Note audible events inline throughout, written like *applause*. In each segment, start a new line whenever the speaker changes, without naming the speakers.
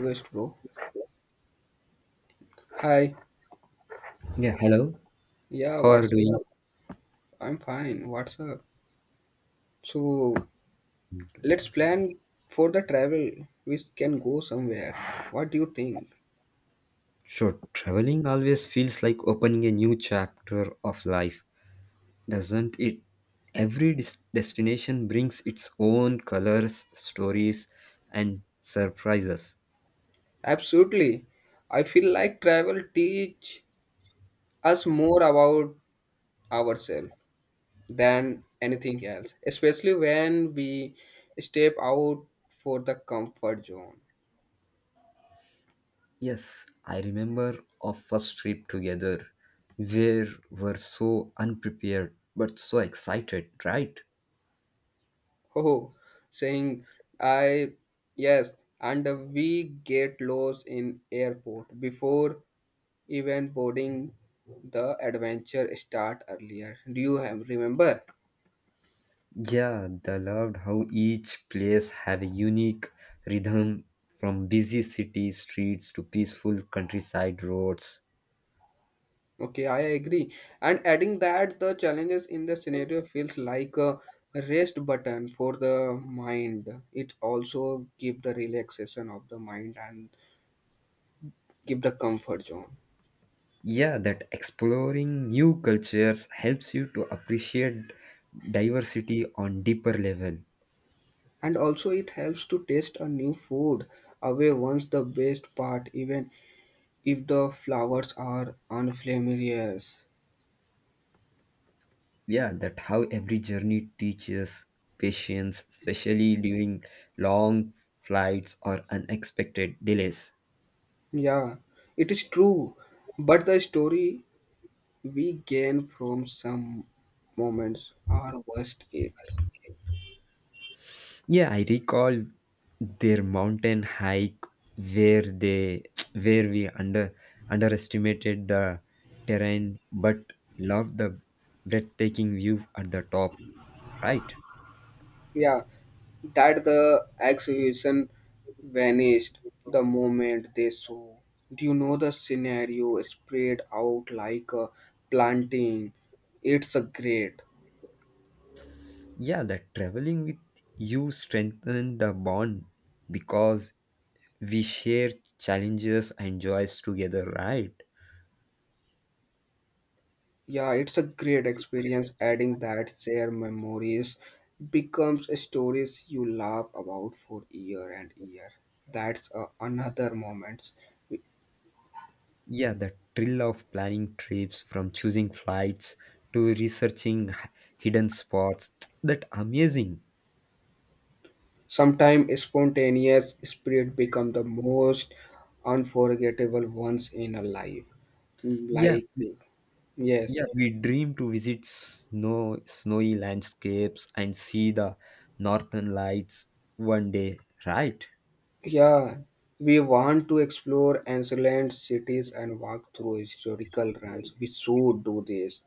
West, bro. Hi.
Yeah, hello.
Yeah,
How are you
what's
doing?
up? I'm fine. What's up? So, let's plan for the travel. We can go somewhere. What do you think?
So traveling always feels like opening a new chapter of life, doesn't it? Every destination brings its own colors, stories, and surprises.
Absolutely. I feel like travel teach us more about ourselves than anything else, especially when we step out for the comfort zone. *laughs*
Yes, I remember our first trip together. We were so unprepared but so excited, right?
Oh, saying I yes, and we get lost in airport before even boarding, the adventure start earlier. Do you have remember?
Yeah, I loved how each place have a unique rhythm from busy city streets to peaceful countryside roads.
Okay, I agree. And adding that, the challenges in the scenario feels like a rest button for the mind. It also give the relaxation of the mind and give the comfort zone.
Yeah, that exploring new cultures helps you to appreciate diversity on deeper level.
And also, it helps to taste a new food away. Once the best part, even if the flowers are unfamiliar.
Yeah, that how every journey teaches patience, especially during long flights or unexpected delays.
Yeah, it is true. But the story we gain from some moments our worst it.
Yeah, I recall their mountain hike where they *tsk* where we underestimated the terrain but loved the breathtaking view at the top, right?
Yeah, that the exhibition vanished the moment they saw. Do you know the scenario spread out like a planting? It's a great.
Yeah, that traveling with you strengthened the bond because we share challenges and joys together, right?
Yeah, it's a great experience adding that their memories becomes stories you laugh about for year and year. That's another moment.
Yeah, the thrill of planning trips from choosing flights to researching hidden spots that amazing.
Sometimes spontaneous spirit become the most unforgettable ones in a life.
Yeah,
Like, yes,
Yeah, we dream to visit snowy landscapes and see the northern lights one day, right?
yeah, we want to explore ancient cities and walk through historical runs. We should do this.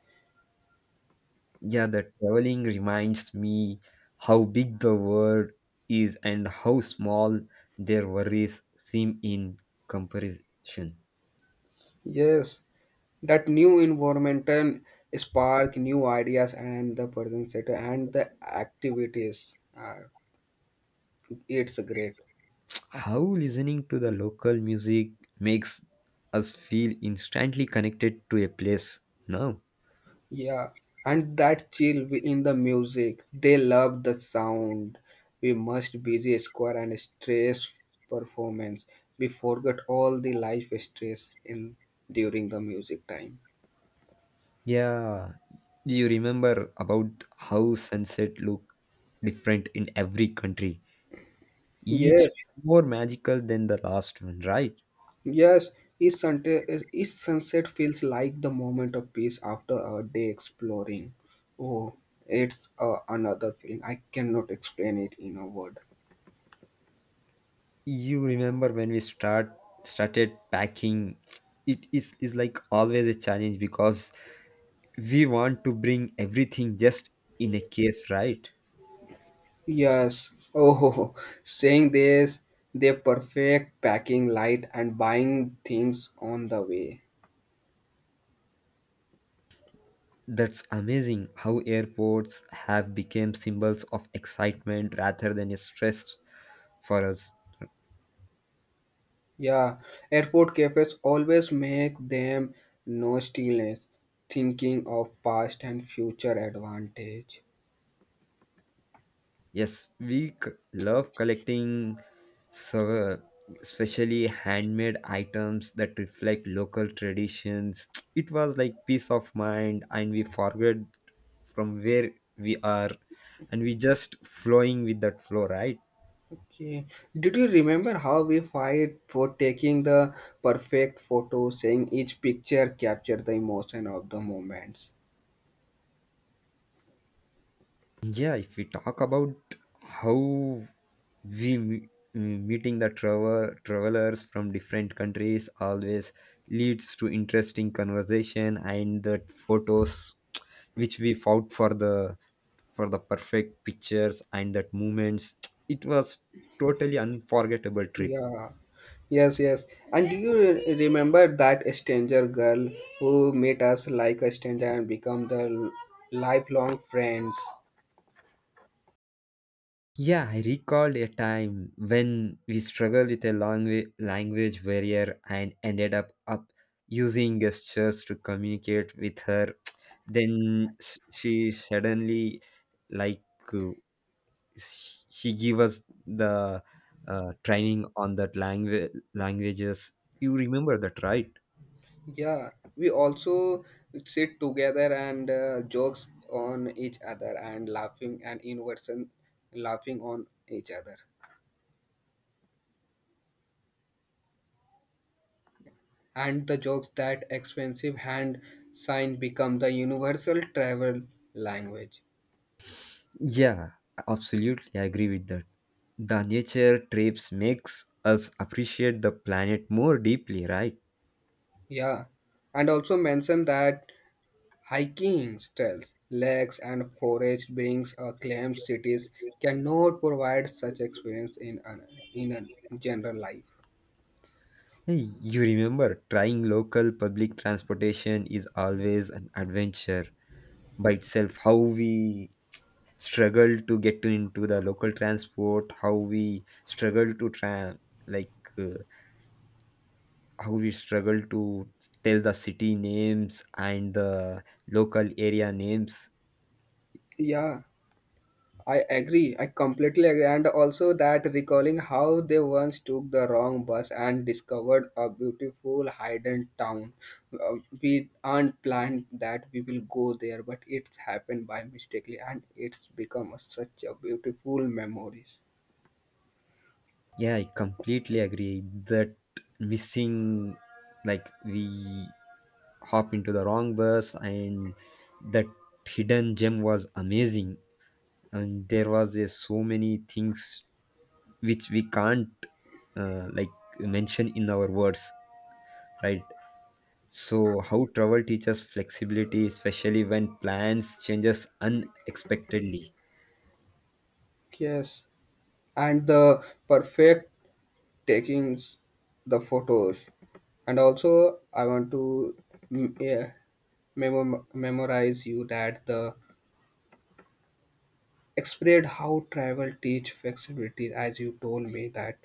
Yeah, the traveling reminds me how big the world is and how small their worries seem in comparison.
Yes, that new environment and spark new ideas and the present set and the activities. It's great.
How listening to the local music makes us feel instantly connected to a place now.
Yeah, and that chill in the music. They love the sound. We must busy square and stress performance. We forgot all the life stress in during the music time.
Yeah, you remember about how sunset look different in every country? Each
Yes,
more magical than the last one, right?
yes. Each sunset feels like the moment of peace after a day exploring. Oh, it's another feeling. I cannot explain it in a word.
You remember when we started packing, it is like always a challenge because we want to bring everything just in a case, right?
Yes. Oh, *laughs* saying this, they perfect packing light and buying things on the way.
That's amazing how airports have become symbols of excitement rather than a stress for us.
Yeah, airport cafes always make them no stillness, thinking of past and future advantage.
Yes, we love collecting, so especially handmade items that reflect local traditions. It was like peace of mind, and we forget from where we are, and we just flowing with that flow, right?
Okay. Did you remember how we fight for taking the perfect photo, saying each picture captured the emotion of the moments?
Yeah, if we talk about how we meeting the travelers from different countries always leads to interesting conversation and the photos which we fought for the perfect pictures and that moments. It was totally unforgettable trip.
Yeah. Yes, yes. And do you remember that stranger girl who met us like a stranger and become the lifelong friends?
Yeah, I recalled a time when we struggled with a long language barrier and ended up using gestures to communicate with her. Then she suddenly, like, uh, she gave us the training on that languages. You remember that, right?
Yeah, we also sit together and jokes on each other and laughing and in person laughing on each other. And the jokes that expensive hand sign become the universal travel language.
Yeah, absolutely. I agree with that. The nature trips makes us appreciate the planet more deeply, right?
Yeah, and also mention that hiking trails, lakes, and forest brings a claim cities cannot provide such experience in a general life.
Hey, you remember trying local public transportation is always an adventure by itself. How we struggle to get into the local transport, how we struggle to try, like, uh, how we struggle to tell the city names and the local area names.
Yeah, I agree. I completely agree. And also that recalling how they once took the wrong bus and discovered a beautiful hidden town. We aren't planned that we will go there, but it's happened by mistakenly, and it's become such a beautiful memories.
Yeah, I completely agree that missing, like we hop into the wrong bus and that hidden gem was amazing, and there was, so many things which we can't, like, mention in our words, right? So how travel teaches flexibility, especially when plans changes unexpectedly.
Yes, and the perfect taking the photos, and also I want to, yeah, memorize you that the explained how travel teach flexibility, as you told me that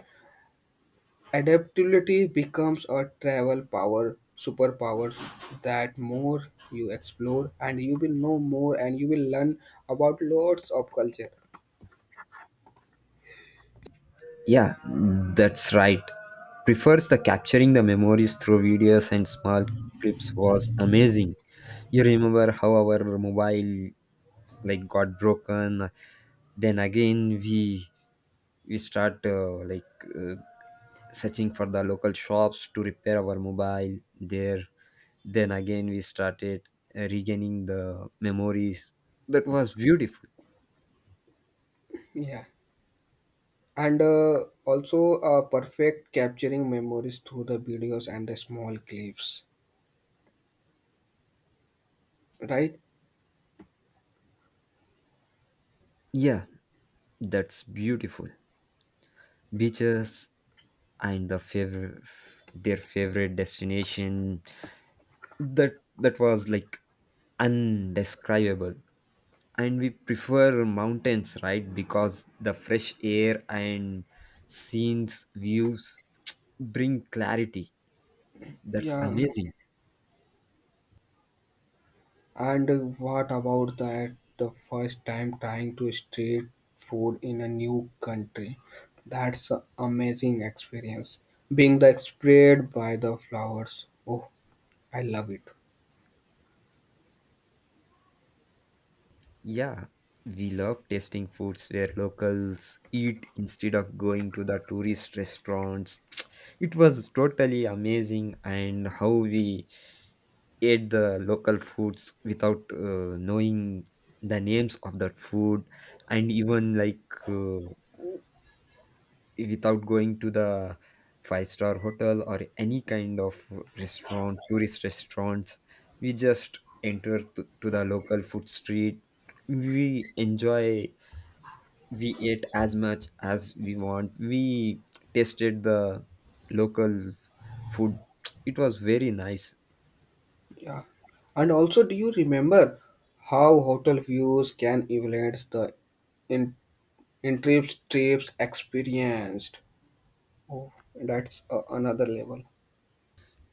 adaptability becomes a travel power superpower, that more you explore and you will know more and you will learn about lots of culture.
Yeah, that's right. Prefers the capturing the memories through videos and small clips was amazing. You remember how our mobile like got broken? Then again we start, like, uh, searching for the local shops to repair our mobile there. Then again we started, regaining the memories. That was beautiful.
Yeah, and also perfect capturing memories through the videos and the small clips, right?
Yeah, that's beautiful. Beaches and the their favorite destination, that that was like undescribable. And we prefer mountains, right? Because the fresh air and scenes views bring clarity. That's
Yeah,
amazing.
and what about that the first time trying to street food in a new country? That's an amazing experience. Being the spread by the flowers. Oh, I love it.
Yeah, we love tasting foods where locals eat instead of going to the tourist restaurants. It was totally amazing. And how we ate the local foods without, knowing the names of that food, and even like, without going to the five-star hotel or any kind of restaurant tourist restaurants, we just enter to the local food street. We enjoy, we ate as much as we want. We tasted the local food. It was very nice.
Yeah. And also, do you remember how hotel views can evaluate the in, in trips experienced? Oh, that's another level.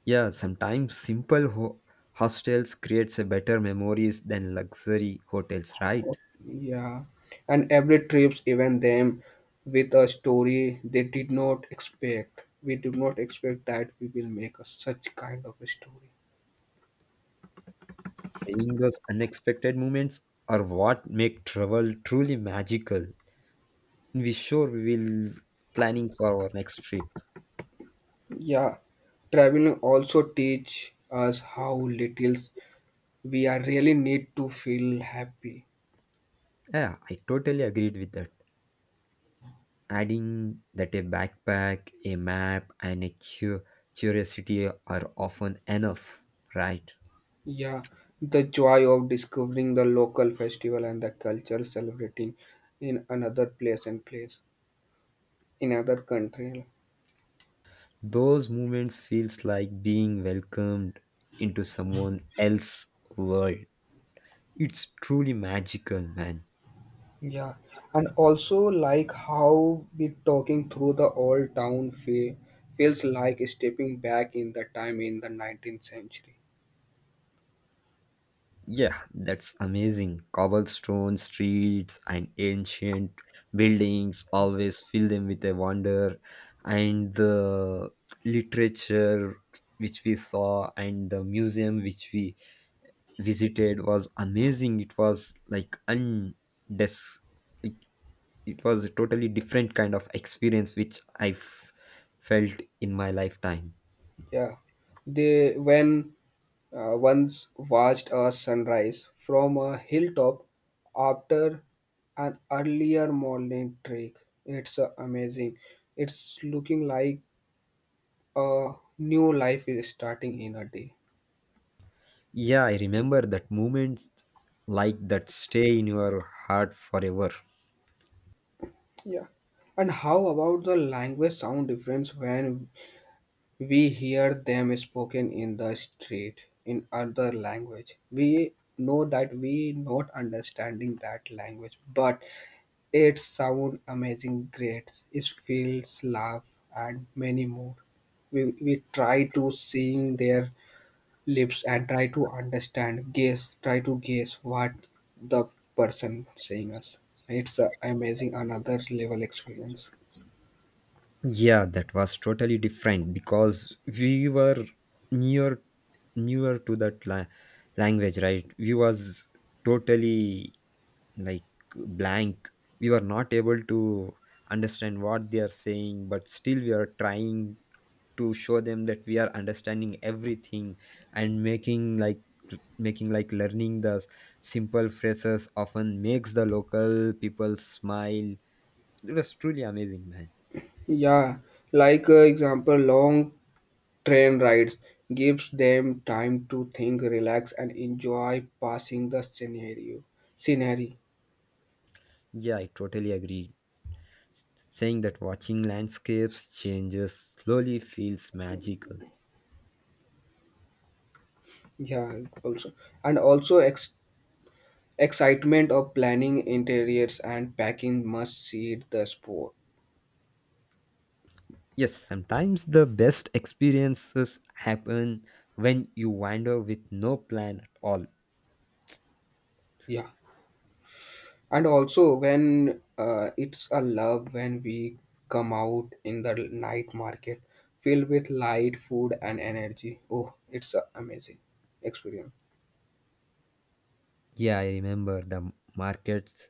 Yeah, sometimes simple hostels creates a better memories than luxury hotels, right?
Yeah, and every trips, even them, with a story they did not expect. We did not expect that we will make such kind of a story.
Seeing those unexpected moments are what make travel truly magical. We sure we will planning for our next trip.
Yeah, traveling also teach us how little we are really need to feel happy.
Yeah, I totally agreed with that. Adding that a backpack, a map, and a curiosity are often enough, right?
Yeah, the joy of discovering the local festival and the culture celebrating in another place and place in other country.
Those moments feels like being welcomed into someone else's world. It's truly magical, man.
Yeah, and also like how we talking through the old town feels like stepping back in the time in the 19th century.
Yeah, that's amazing. Cobblestone streets and ancient buildings always fill them with a wonder. And the literature which we saw and the museum which we visited was amazing. It was like it, it was a totally different kind of experience which I felt in my lifetime.
Yeah, they when once watched a sunrise from a hilltop after an earlier morning trek. It's amazing. It's looking like a new life is starting in a day.
Yeah, I remember that moments like that stay in your heart forever.
Yeah. And how about the language sound difference when we hear them spoken in the street in other language? We know that we not understanding that language, but it sound amazing, great. It feels love and many more. We try to sing their lips and try to understand, guess, try to guess what the person saying us. It's a amazing another level experience.
Yeah, that was totally different because we were near newer to that language, right? We was totally like blank. We were not able to understand what they are saying, but still we are trying to show them that we are understanding everything, and making like learning the simple phrases often makes the local people smile. It was truly amazing, man.
Yeah, like example, long train rides gives them time to think, relax, and enjoy passing the scenario. Scenery,
Yeah, I totally agree, saying that watching landscapes changes slowly feels magical.
yeah, also, and also excitement of planning interiors and packing must seed the sport.
Yes, sometimes the best experiences happen when you wander with no plan at all.
Yeah, and also when it's a love when we come out in the night market filled with light, food, and energy. Oh, it's a amazing experience.
Yeah, I remember the markets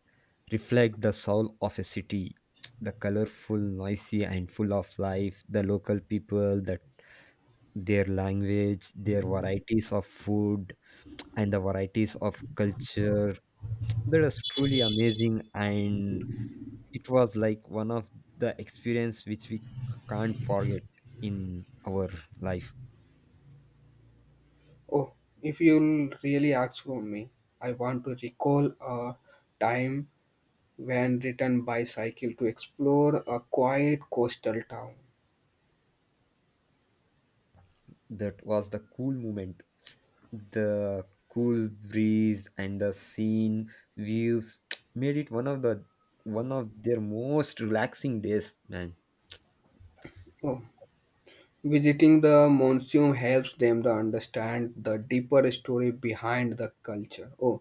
reflect the soul of a city. The colorful, noisy, and full of life, the local people, that their language, their varieties of food, and the varieties of culture. That is truly amazing, and it was like one of the experience which we can't forget in our life.
Oh, if you'll really ask from me, I want to recall a time when ridden bicycle to explore a quiet coastal town.
That was the cool moment. The cool breeze and the scene views *tsk* made it one of their most relaxing days, man.
Oh, visiting the monsoon helps them to understand the deeper story behind the culture. Oh,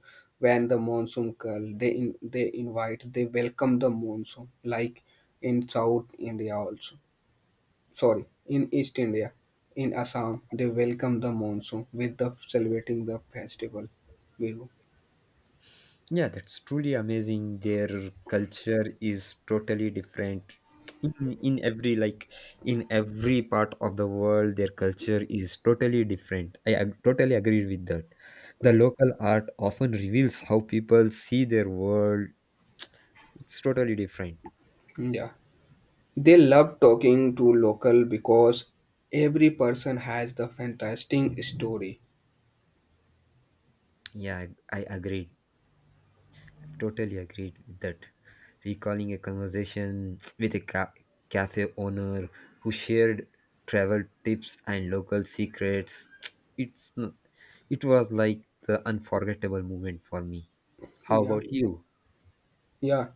when the monsoon call, they invite, they welcome the monsoon, like in South India also. Sorry, in East India, in Assam, they welcome the monsoon with the celebrating the festival. Bihu.
Yeah, that's truly amazing. Their culture is totally different. In every like in every part of the world their culture is totally different. I totally agree with that. The local art often reveals how people see their world. It's totally different.
Yeah, they love talking to local because every person has the fantastic story.
Yeah, I agree. Totally agreed with that. Recalling a conversation *tsk* with a cafe owner who shared travel tips and local secrets, *tsk* it's n- it was like the unforgettable moment for me. How
Yeah,
about you?
yeah,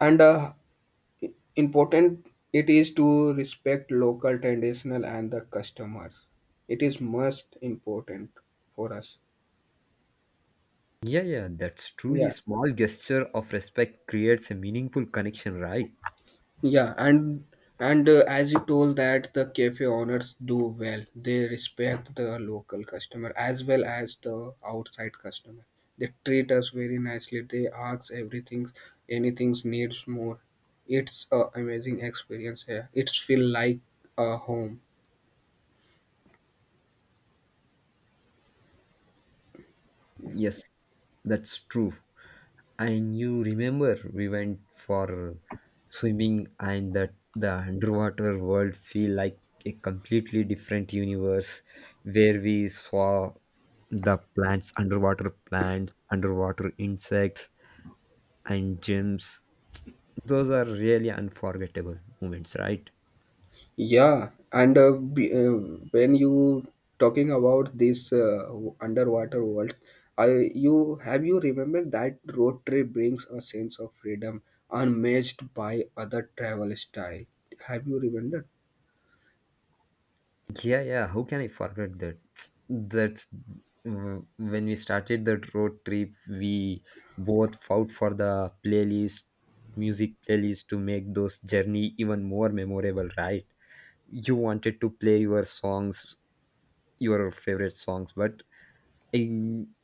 and important it is to respect local traditional and the customers. It is most important for us.
Yeah, yeah, that's truly
Yeah.
small gesture of respect creates a meaningful connection, right?
Yeah, and as you told that the cafe owners do well. They respect the local customer as well as the outside customer. They treat us very nicely. They ask everything, anything needs more. It's a amazing experience here. It's feel like a home.
Yes, that's true. And you remember we went for swimming, and that the underwater world feel like a completely different universe where we saw the plants, underwater insects and gems. Those are really unforgettable moments, right?
Yeah, and when you talking about this underwater world, I you have you remembered that road trip brings a sense of freedom unmatched by other travel style. Have you remembered?
Yeah, yeah. How can I forget that? That's, when we started that road trip. We both fought for the playlist, music playlist, to make those journey even more memorable, right? You wanted to play your songs, your favorite songs, but I,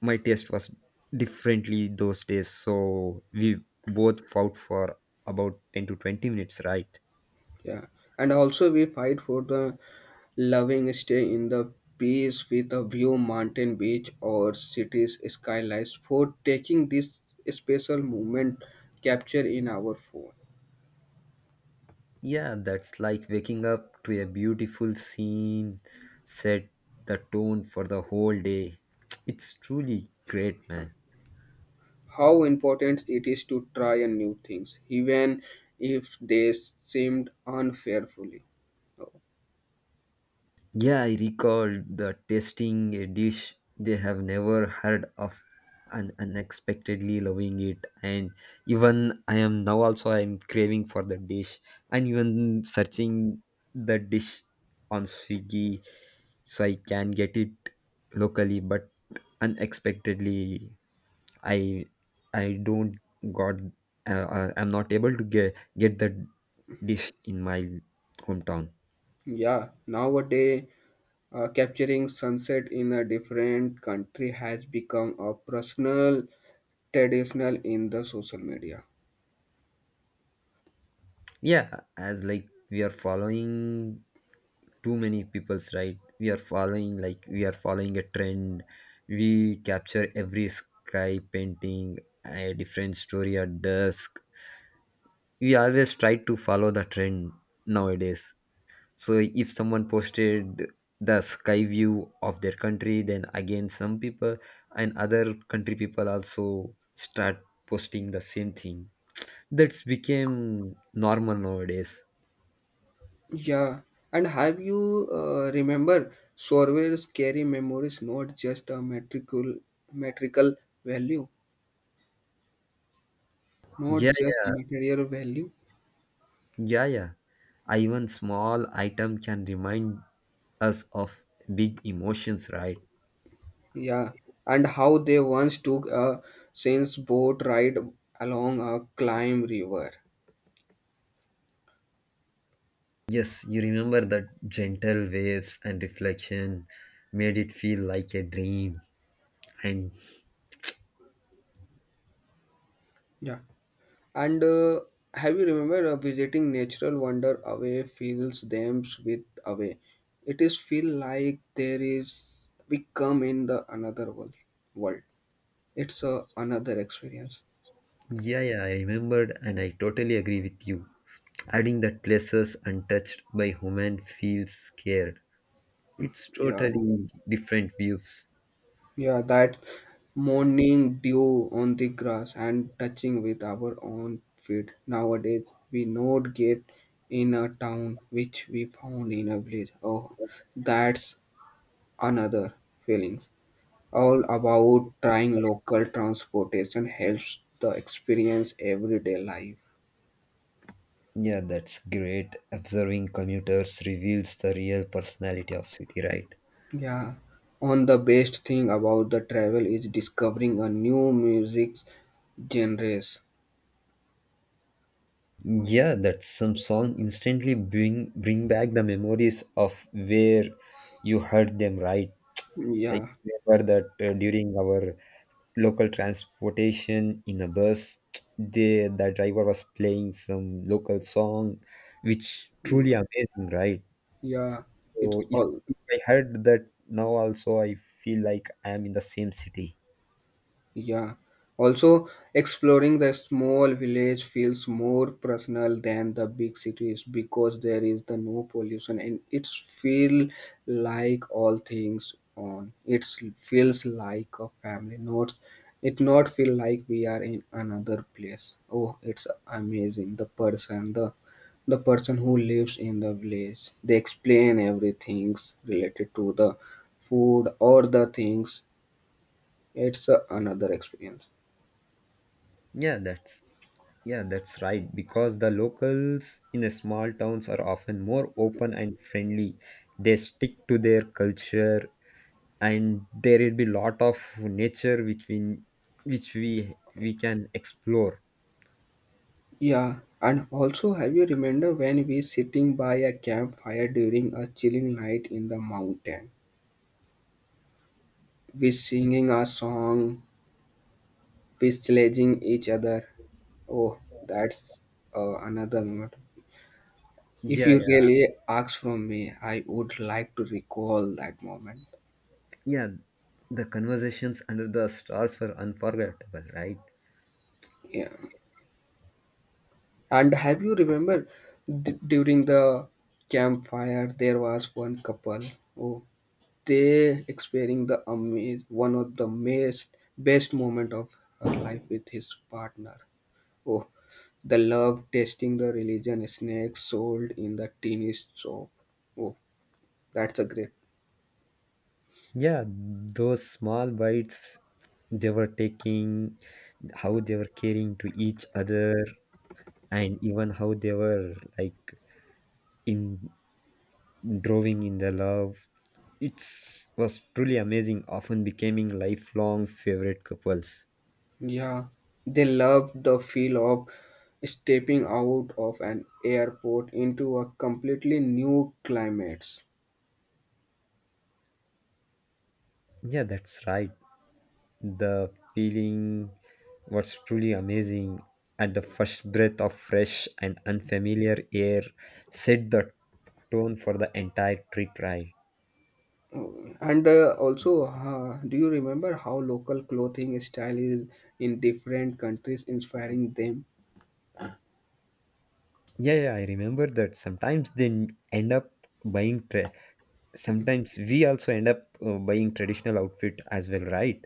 my taste was differently those days. So we both fought for about 10 to 20 minutes, right?
Yeah, and also we fight for the loving stay in the peace with a view mountain beach or cities skylines for taking this special moment capture in our phone.
Yeah, that's like waking up to a beautiful scene, set the tone for the whole day. *tsk* It's truly great, man.
How important it is to try and new things, even if they seemed unfairfully.
Yeah, I recall the tasting a dish they have never heard of and unexpectedly loving it, and even I am now also I'm craving for the dish, and even searching the dish on Swiggy so I can get it locally, but unexpectedly i I don't got. I'm not able to get the dish in my hometown.
Yeah, nowadays, capturing sunset in a different country has become a personal traditional in the social media.
Yeah, as like we are following too many people's, right? We are following, like, we are following a trend. We capture every sky painting a different story at dusk. We always try to follow the trend nowadays. So if someone posted the sky view of their country, then again some people and other country people also start posting the same thing. That's became normal nowadays.
Yeah, and have you remember surveys carry memories not just a metrical value, not
Yeah,
just
yeah,
material value.
yeah, yeah. I even small item can remind us of big emotions, right?
Yeah, and how they once took a saint's boat ride along a climb river.
Yes, you remember that gentle waves and reflection made it feel like a dream, and
Yeah, and have you remembered visiting natural wonder away fills them with away? It is feel like there is we come in the another world. World. It's a another experience.
yeah, yeah, I remembered and I totally agree with you. Adding that places untouched by human feels scared. It's
Yeah,
totally different views.
yeah, that morning dew on the grass and touching with our own feet. Nowadays, we not get in a town which we found in a village. Oh, that's another feelings. All about trying local transportation helps the experience everyday life.
Yeah, that's great. Observing commuters reveals the real personality of city, right?
Yeah, on the best thing about the travel is discovering a new music genres.
Yeah, that some song instantly bring back the memories of where you heard them, right? Like
Yeah,
remember that, during our local transportation in a bus, the driver was playing some local song, which truly
mm,
amazing, right?
yeah, it
So if,
all.
if I heard that now also, I feel like I am in the same city.
Yeah. Also, exploring the small village feels more personal than the big cities because there is the no pollution and it feel like all things on. It feels like a family. Not it not feel like we are in another place. Oh, it's amazing. The person, the person who lives in the village, they explain everything related to the food or the things. It's another experience.
Yeah, that's yeah, that's right. Because the locals in the small towns are often more open and friendly. They stick to their culture, and there will be lot of nature which we can explore.
Yeah, and also have you remember when we sitting by a campfire during a chilling night in the mountain? We singing a song, we sledging each other. Oh, that's another moment. If
Yeah,
you
yeah,
really ask from me, I would like to recall that moment.
yeah, the conversations under the stars were unforgettable, right?
Yeah. And have you remember during the campfire there was one couple? Oh, they experiencing the amaze, one of the best moment of her life with his partner. Oh, the love tasting the religion snacks sold in the teeny shop. Oh, that's a great.
Yeah, those small bites they were taking, how they were caring to each other, and even how they were like in drawing in the love, it's was truly amazing, often becoming lifelong favorite couples.
Yeah, they love the feel of stepping out of an airport into a completely new climate.
Yeah, that's right. The feeling was truly amazing, and the first breath of fresh and unfamiliar air set the tone for the entire trip, right?
Oh, and also, do you remember how local clothing style is in different countries inspiring them?
Yeah, yeah, I remember that. Sometimes they end up buying. Sometimes we also end up, buying traditional outfit as well, right?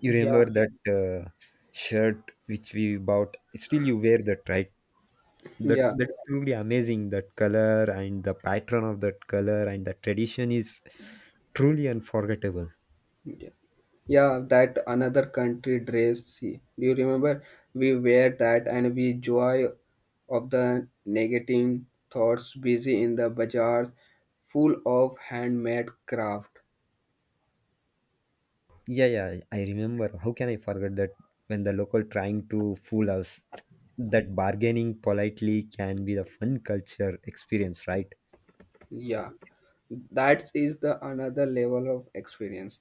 You
Yeah,
remember that, shirt which we bought. Still, you wear that, right? That
yeah,
that's truly amazing, that color and the pattern of that color and the tradition is truly unforgettable.
yeah, yeah. That another country dress. See, do you remember? We wear that and we joy of the negative thoughts, busy in the bazaar, full of handmade craft.
Yeah, yeah, I remember. How can I forget that? When the local trying to fool us, that bargaining politely can be the fun culture experience, right?
Yeah, that is the another level of experience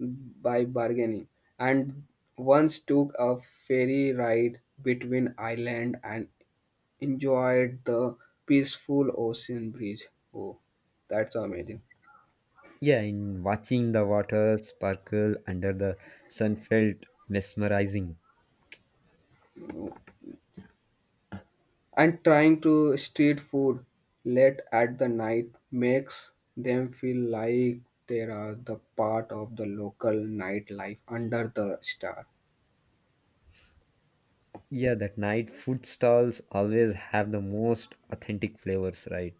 by bargaining. And once took a ferry ride between Ireland and enjoyed the peaceful ocean breeze. Oh, that's amazing.
Yeah, in watching the water sparkle under the sun felt mesmerizing.
And trying to street food late at the night makes them feel like they are the part of the local nightlife under the star.
Yeah, that night food stalls always have the most authentic flavors, right?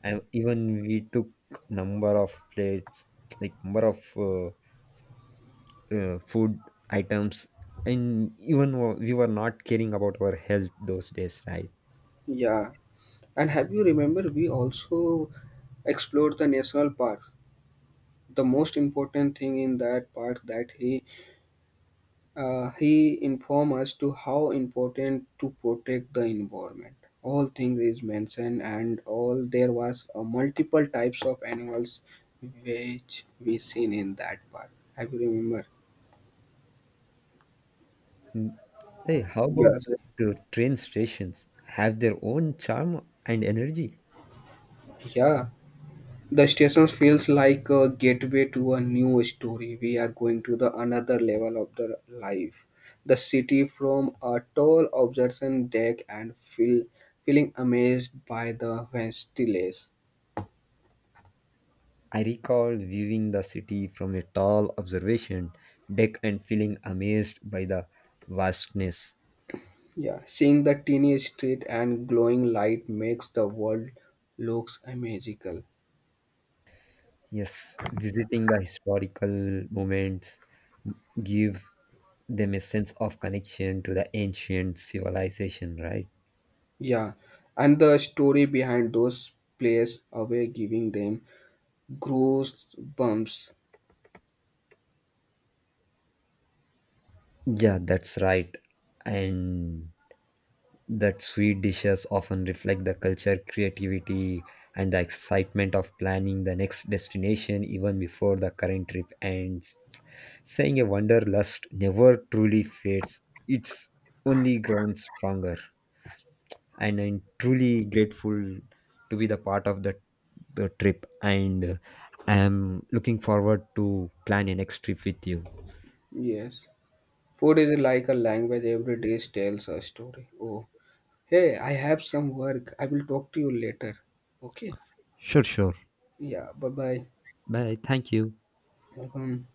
And even we took number of plates, like number of, food items, and even we were not caring about our health those days, right?
Yeah. And have you remember we also explored the national parks? The most important thing in that park that he informed us to how important to protect the environment. All things is mentioned, and all there was multiple types of animals which we seen in that part. I will remember.
Mm. Hey, how about
Yes,
the train stations? Have their own charm and energy.
yeah. The station feels like a gateway to a new story. We are going to the another level of the life. The city from a tall observation deck and feeling amazed by the vast.
I recall viewing the city from a tall observation deck and feeling amazed by the vastness.
Yeah, seeing the teeny street and glowing light makes the world looks magical.
Yes, visiting the historical moments give them a sense of connection to the ancient civilization, right?
Yeah, and the story behind those plays away giving them goosebumps.
Yeah, that's right. And that sweet dishes often reflect the culture, creativity, and the excitement of planning the next destination even before the current trip ends. Saying a wanderlust never truly fades, it's only grown stronger. And I'm truly grateful to be the part of the trip, and, I am looking forward to plan a next trip with you.
Yes, food is like a language. Every day tells a story. Oh, hey, I have some work. I will talk to you later. Okay.
Sure, sure.
Yeah. Bye bye.
Bye. Thank you.
Welcome.